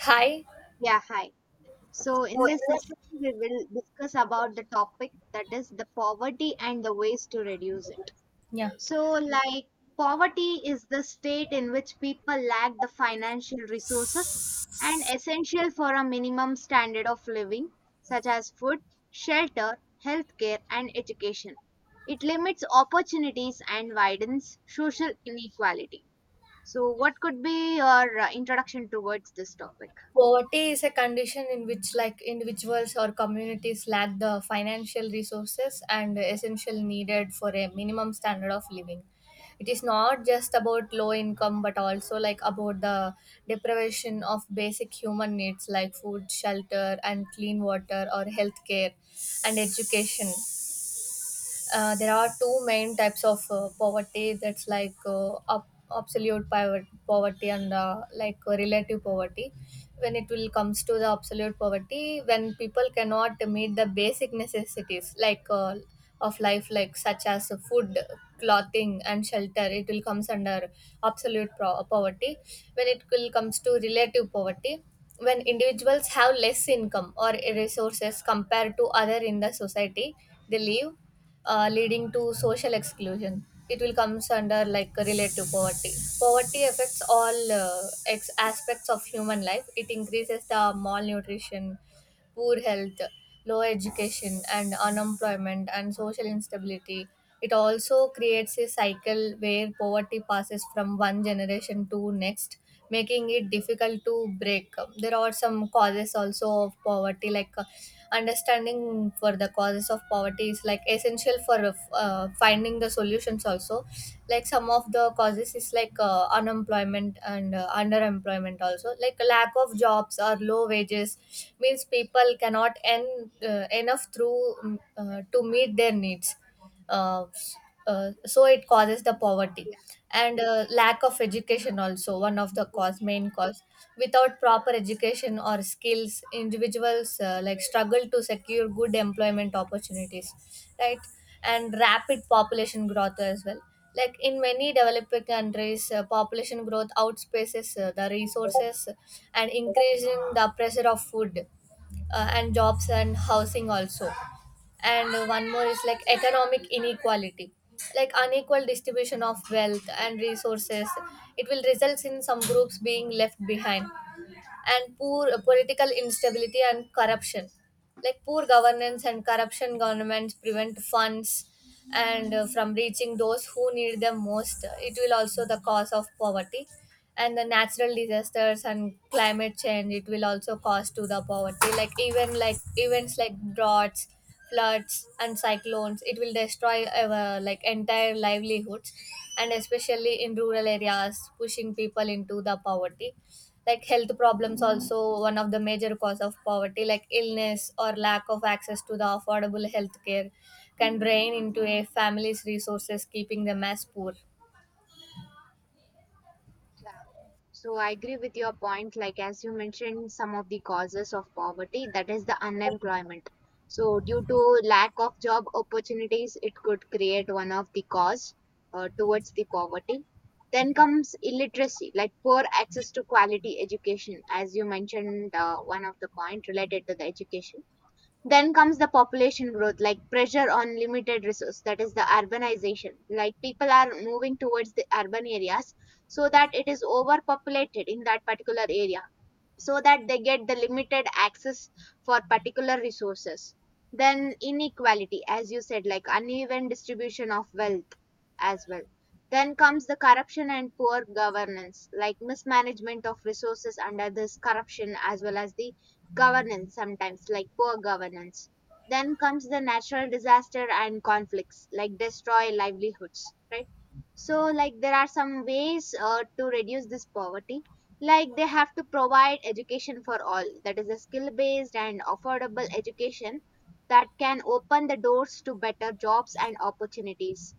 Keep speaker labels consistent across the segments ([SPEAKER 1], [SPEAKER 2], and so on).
[SPEAKER 1] Hi.
[SPEAKER 2] Yeah, hi. So in this session, we will discuss about the topic that is the poverty and the ways to reduce it.
[SPEAKER 1] Yeah.
[SPEAKER 2] So, like, poverty is the state in which people lack the financial resources and essential for a minimum standard of living, such as food, shelter, healthcare, and education. It limits opportunities and widens social inequality. So, what could be your introduction towards this topic?
[SPEAKER 1] Poverty is a condition in which, like, individuals or communities lack the financial resources and essential needed for a minimum standard of living. It is not just about low income, but also, like, about the deprivation of basic human needs like food, shelter and clean water or healthcare and education. There are two main types of poverty, that's like absolute poverty and like relative poverty. When it will comes to the absolute poverty, when people cannot meet the basic necessities, like of life, like such as food, clothing and shelter, it will comes under absolute poverty. When it will comes to relative poverty, when individuals have less income or resources compared to other in the society they live, leading to social exclusion, it will comes under, like, relative poverty. Poverty affects all aspects of human life. It increases the malnutrition, poor health, low education, and unemployment and social instability. It also creates a cycle where poverty passes from one generation to next, making it difficult to break. There are some causes also of poverty, like, understanding for the causes of poverty is, like, essential for finding the solutions also. Like, some of the causes is like, unemployment and underemployment also, like lack of jobs or low wages means people cannot earn enough through to meet their needs. uh, so it causes the poverty.
[SPEAKER 2] Yeah,
[SPEAKER 1] And lack of education also one of the
[SPEAKER 2] yeah,
[SPEAKER 1] cause, main cause. Without proper education or skills, individuals like struggle to secure good employment opportunities, right? And rapid population growth as well, like in many developing countries, population growth outpaces the resources and increasing the pressure of food and jobs and housing also. And one more is like economic inequality, like unequal distribution of wealth and resources. It will result in some groups being left behind and poor political instability and corruption, like poor governance and corruption governments prevent funds and from reaching those who need them most, it will also the cause of poverty. And the natural disasters and climate change, it will also cause to the poverty, like even like events like droughts, floods and cyclones, it will destroy like entire livelihoods, and especially in rural areas, pushing people into the poverty. Like health problems also one of the major cause of poverty, like illness or lack of access to the affordable health care can drain into a family's resources, keeping them as poor.
[SPEAKER 2] yeah. So I agree with your point. Like as you mentioned, some of the causes of poverty, that is the unemployment. So due to lack of job opportunities, it could create one of the cause towards the poverty. Then comes illiteracy, like poor access to quality education, as you mentioned, one of the point related to the education, then comes the population growth, like pressure on limited resource, that is the urbanization. Like people are moving towards the urban areas so that it is overpopulated in that particular area, so that they get the limited access for particular resources. Then inequality, as you said, like uneven distribution of wealth as well. Then comes the corruption and poor governance, like mismanagement of resources under this corruption as well as the governance, sometimes like poor governance. Then comes the natural disaster and conflicts like destroy livelihoods, right? So like there are some ways to reduce this poverty. Like they have to provide education for all that is a skill based and affordable education that can open the doors to better jobs and opportunities.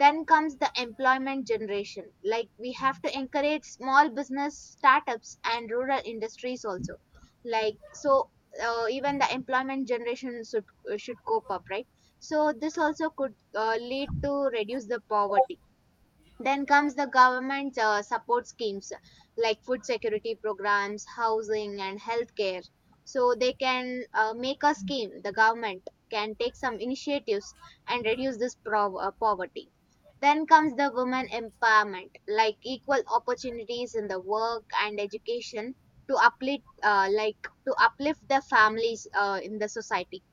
[SPEAKER 2] Then comes the employment generation, like we have to encourage small business startups and rural industries also, like so even the employment generation should cope up, right? So this also could lead to reduce the poverty. Then comes the government support schemes like food security programs, housing, and healthcare. So they can make a scheme. The government can take some initiatives and reduce this poverty. Then comes the women empowerment, like equal opportunities in the work and education to uplift, like to uplift the families in the society.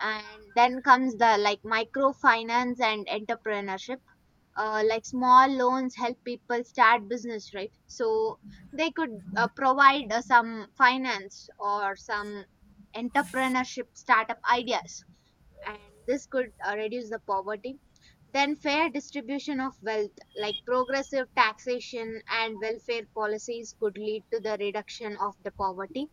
[SPEAKER 2] And then comes the like microfinance and entrepreneurship, like small loans help people start business, right? So they could provide some finance or some entrepreneurship startup ideas, and this could reduce the poverty. Then fair distribution of wealth, like progressive taxation and welfare policies could lead to the reduction of the poverty.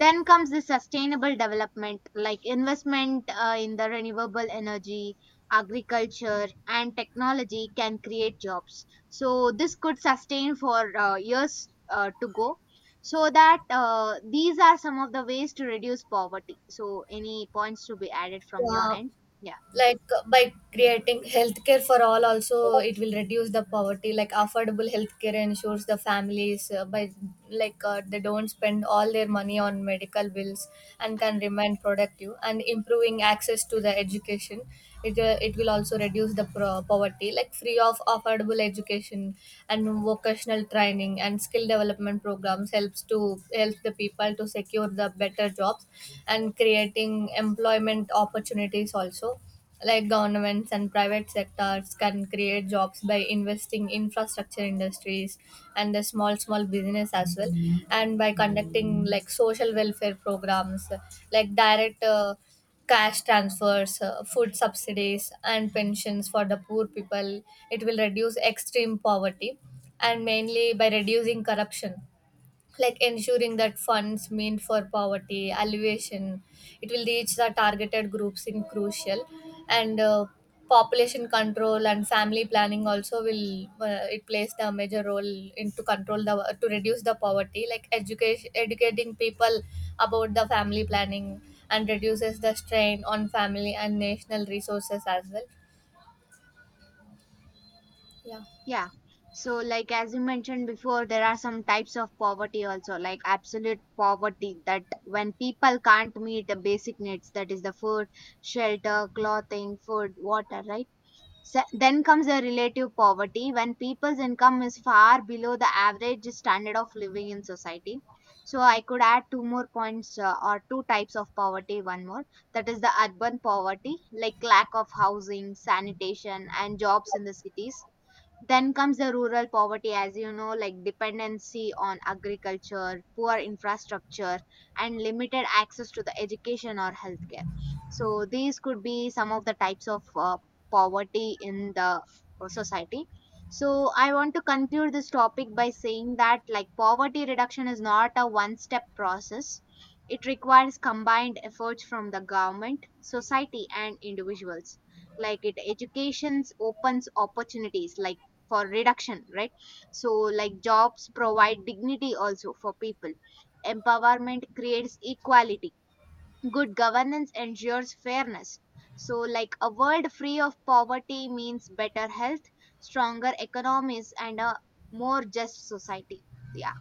[SPEAKER 2] Then comes the sustainable development, like investment in the renewable energy, agriculture, and technology can create jobs. So this could sustain for years to go. So that these are some of the ways to reduce poverty. So any points to be added from your
[SPEAKER 1] Yeah.
[SPEAKER 2] end? Yeah.
[SPEAKER 1] Like by creating healthcare for all also, it will reduce the poverty. Like affordable healthcare ensures the families by like they don't spend all their money on medical bills and can remain productive, and improving access to the education, it will also reduce the poverty, like free of affordable education and vocational training and skill development programs helps to help the people to secure the better jobs and creating employment opportunities also, like governments and private sectors can create jobs by investing infrastructure industries and the small business as well, and by conducting like social welfare programs, like direct cash transfers, food subsidies and pensions for the poor people, it will reduce extreme poverty. And mainly by reducing corruption, like ensuring that funds meant for poverty alleviation, it will reach the targeted groups in crucial. And population control and family planning also will, it plays the major role in to control the to reduce the poverty, like education, educating people about the family planning and reduces the strain on family and national resources as well. Yeah.
[SPEAKER 2] Yeah. So, like as you mentioned before, there are some types of poverty also, like absolute poverty, that when people can't meet the basic needs, that is the food, shelter, clothing, food, water, right? Then comes the relative poverty, when people's income is far below the average standard of living in society. So, I could add two more points, or two types of poverty, one more. That is the urban poverty, like lack of housing, sanitation, and jobs in the cities. Then comes the rural poverty, as you know, like dependency on agriculture, poor infrastructure, and limited access to the education or healthcare. So these could be some of the types of poverty in the society. So I want to conclude this topic by saying that like poverty reduction is not a one-step process. It requires combined efforts from the government, society, and individuals. Like it educations opens opportunities like for reduction, right? So like jobs provide dignity also for people, empowerment creates equality, good governance ensures fairness. So like a world free of poverty means better health, stronger economies, and a more just society. Yeah.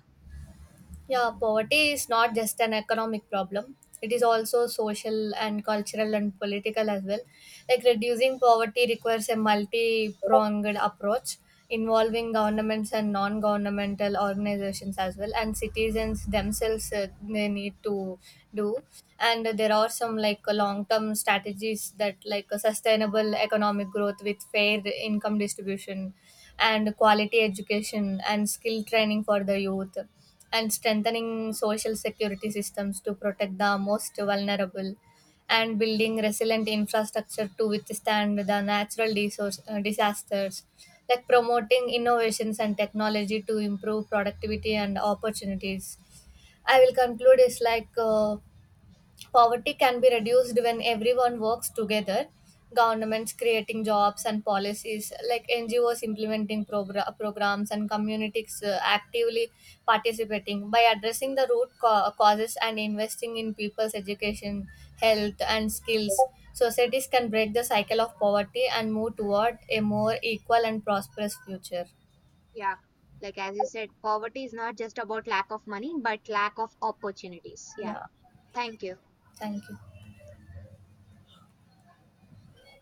[SPEAKER 1] Yeah, poverty is not just an economic problem. It is also social and cultural and political as well. Like, reducing poverty requires a multi pronged approach involving governments and non governmental organizations as well, and citizens themselves, they need to do. And there are some like long term strategies, that like a sustainable economic growth with fair income distribution and quality education and skill training for the youth, and strengthening social security systems to protect the most vulnerable, and building resilient infrastructure to withstand the natural resource, disasters, like promoting innovations and technology to improve productivity and opportunities. I will conclude is like, poverty can be reduced when everyone works together. Governments creating jobs and policies, like NGOs implementing programs, and communities actively participating by addressing the root causes, and investing in people's education, health, and skills. Societies can break the cycle of poverty and move toward a more equal and prosperous future.
[SPEAKER 2] Yeah, like as you said, poverty is not just about lack of money but lack of opportunities. Yeah,
[SPEAKER 1] Yeah,
[SPEAKER 2] thank you.
[SPEAKER 1] thank you.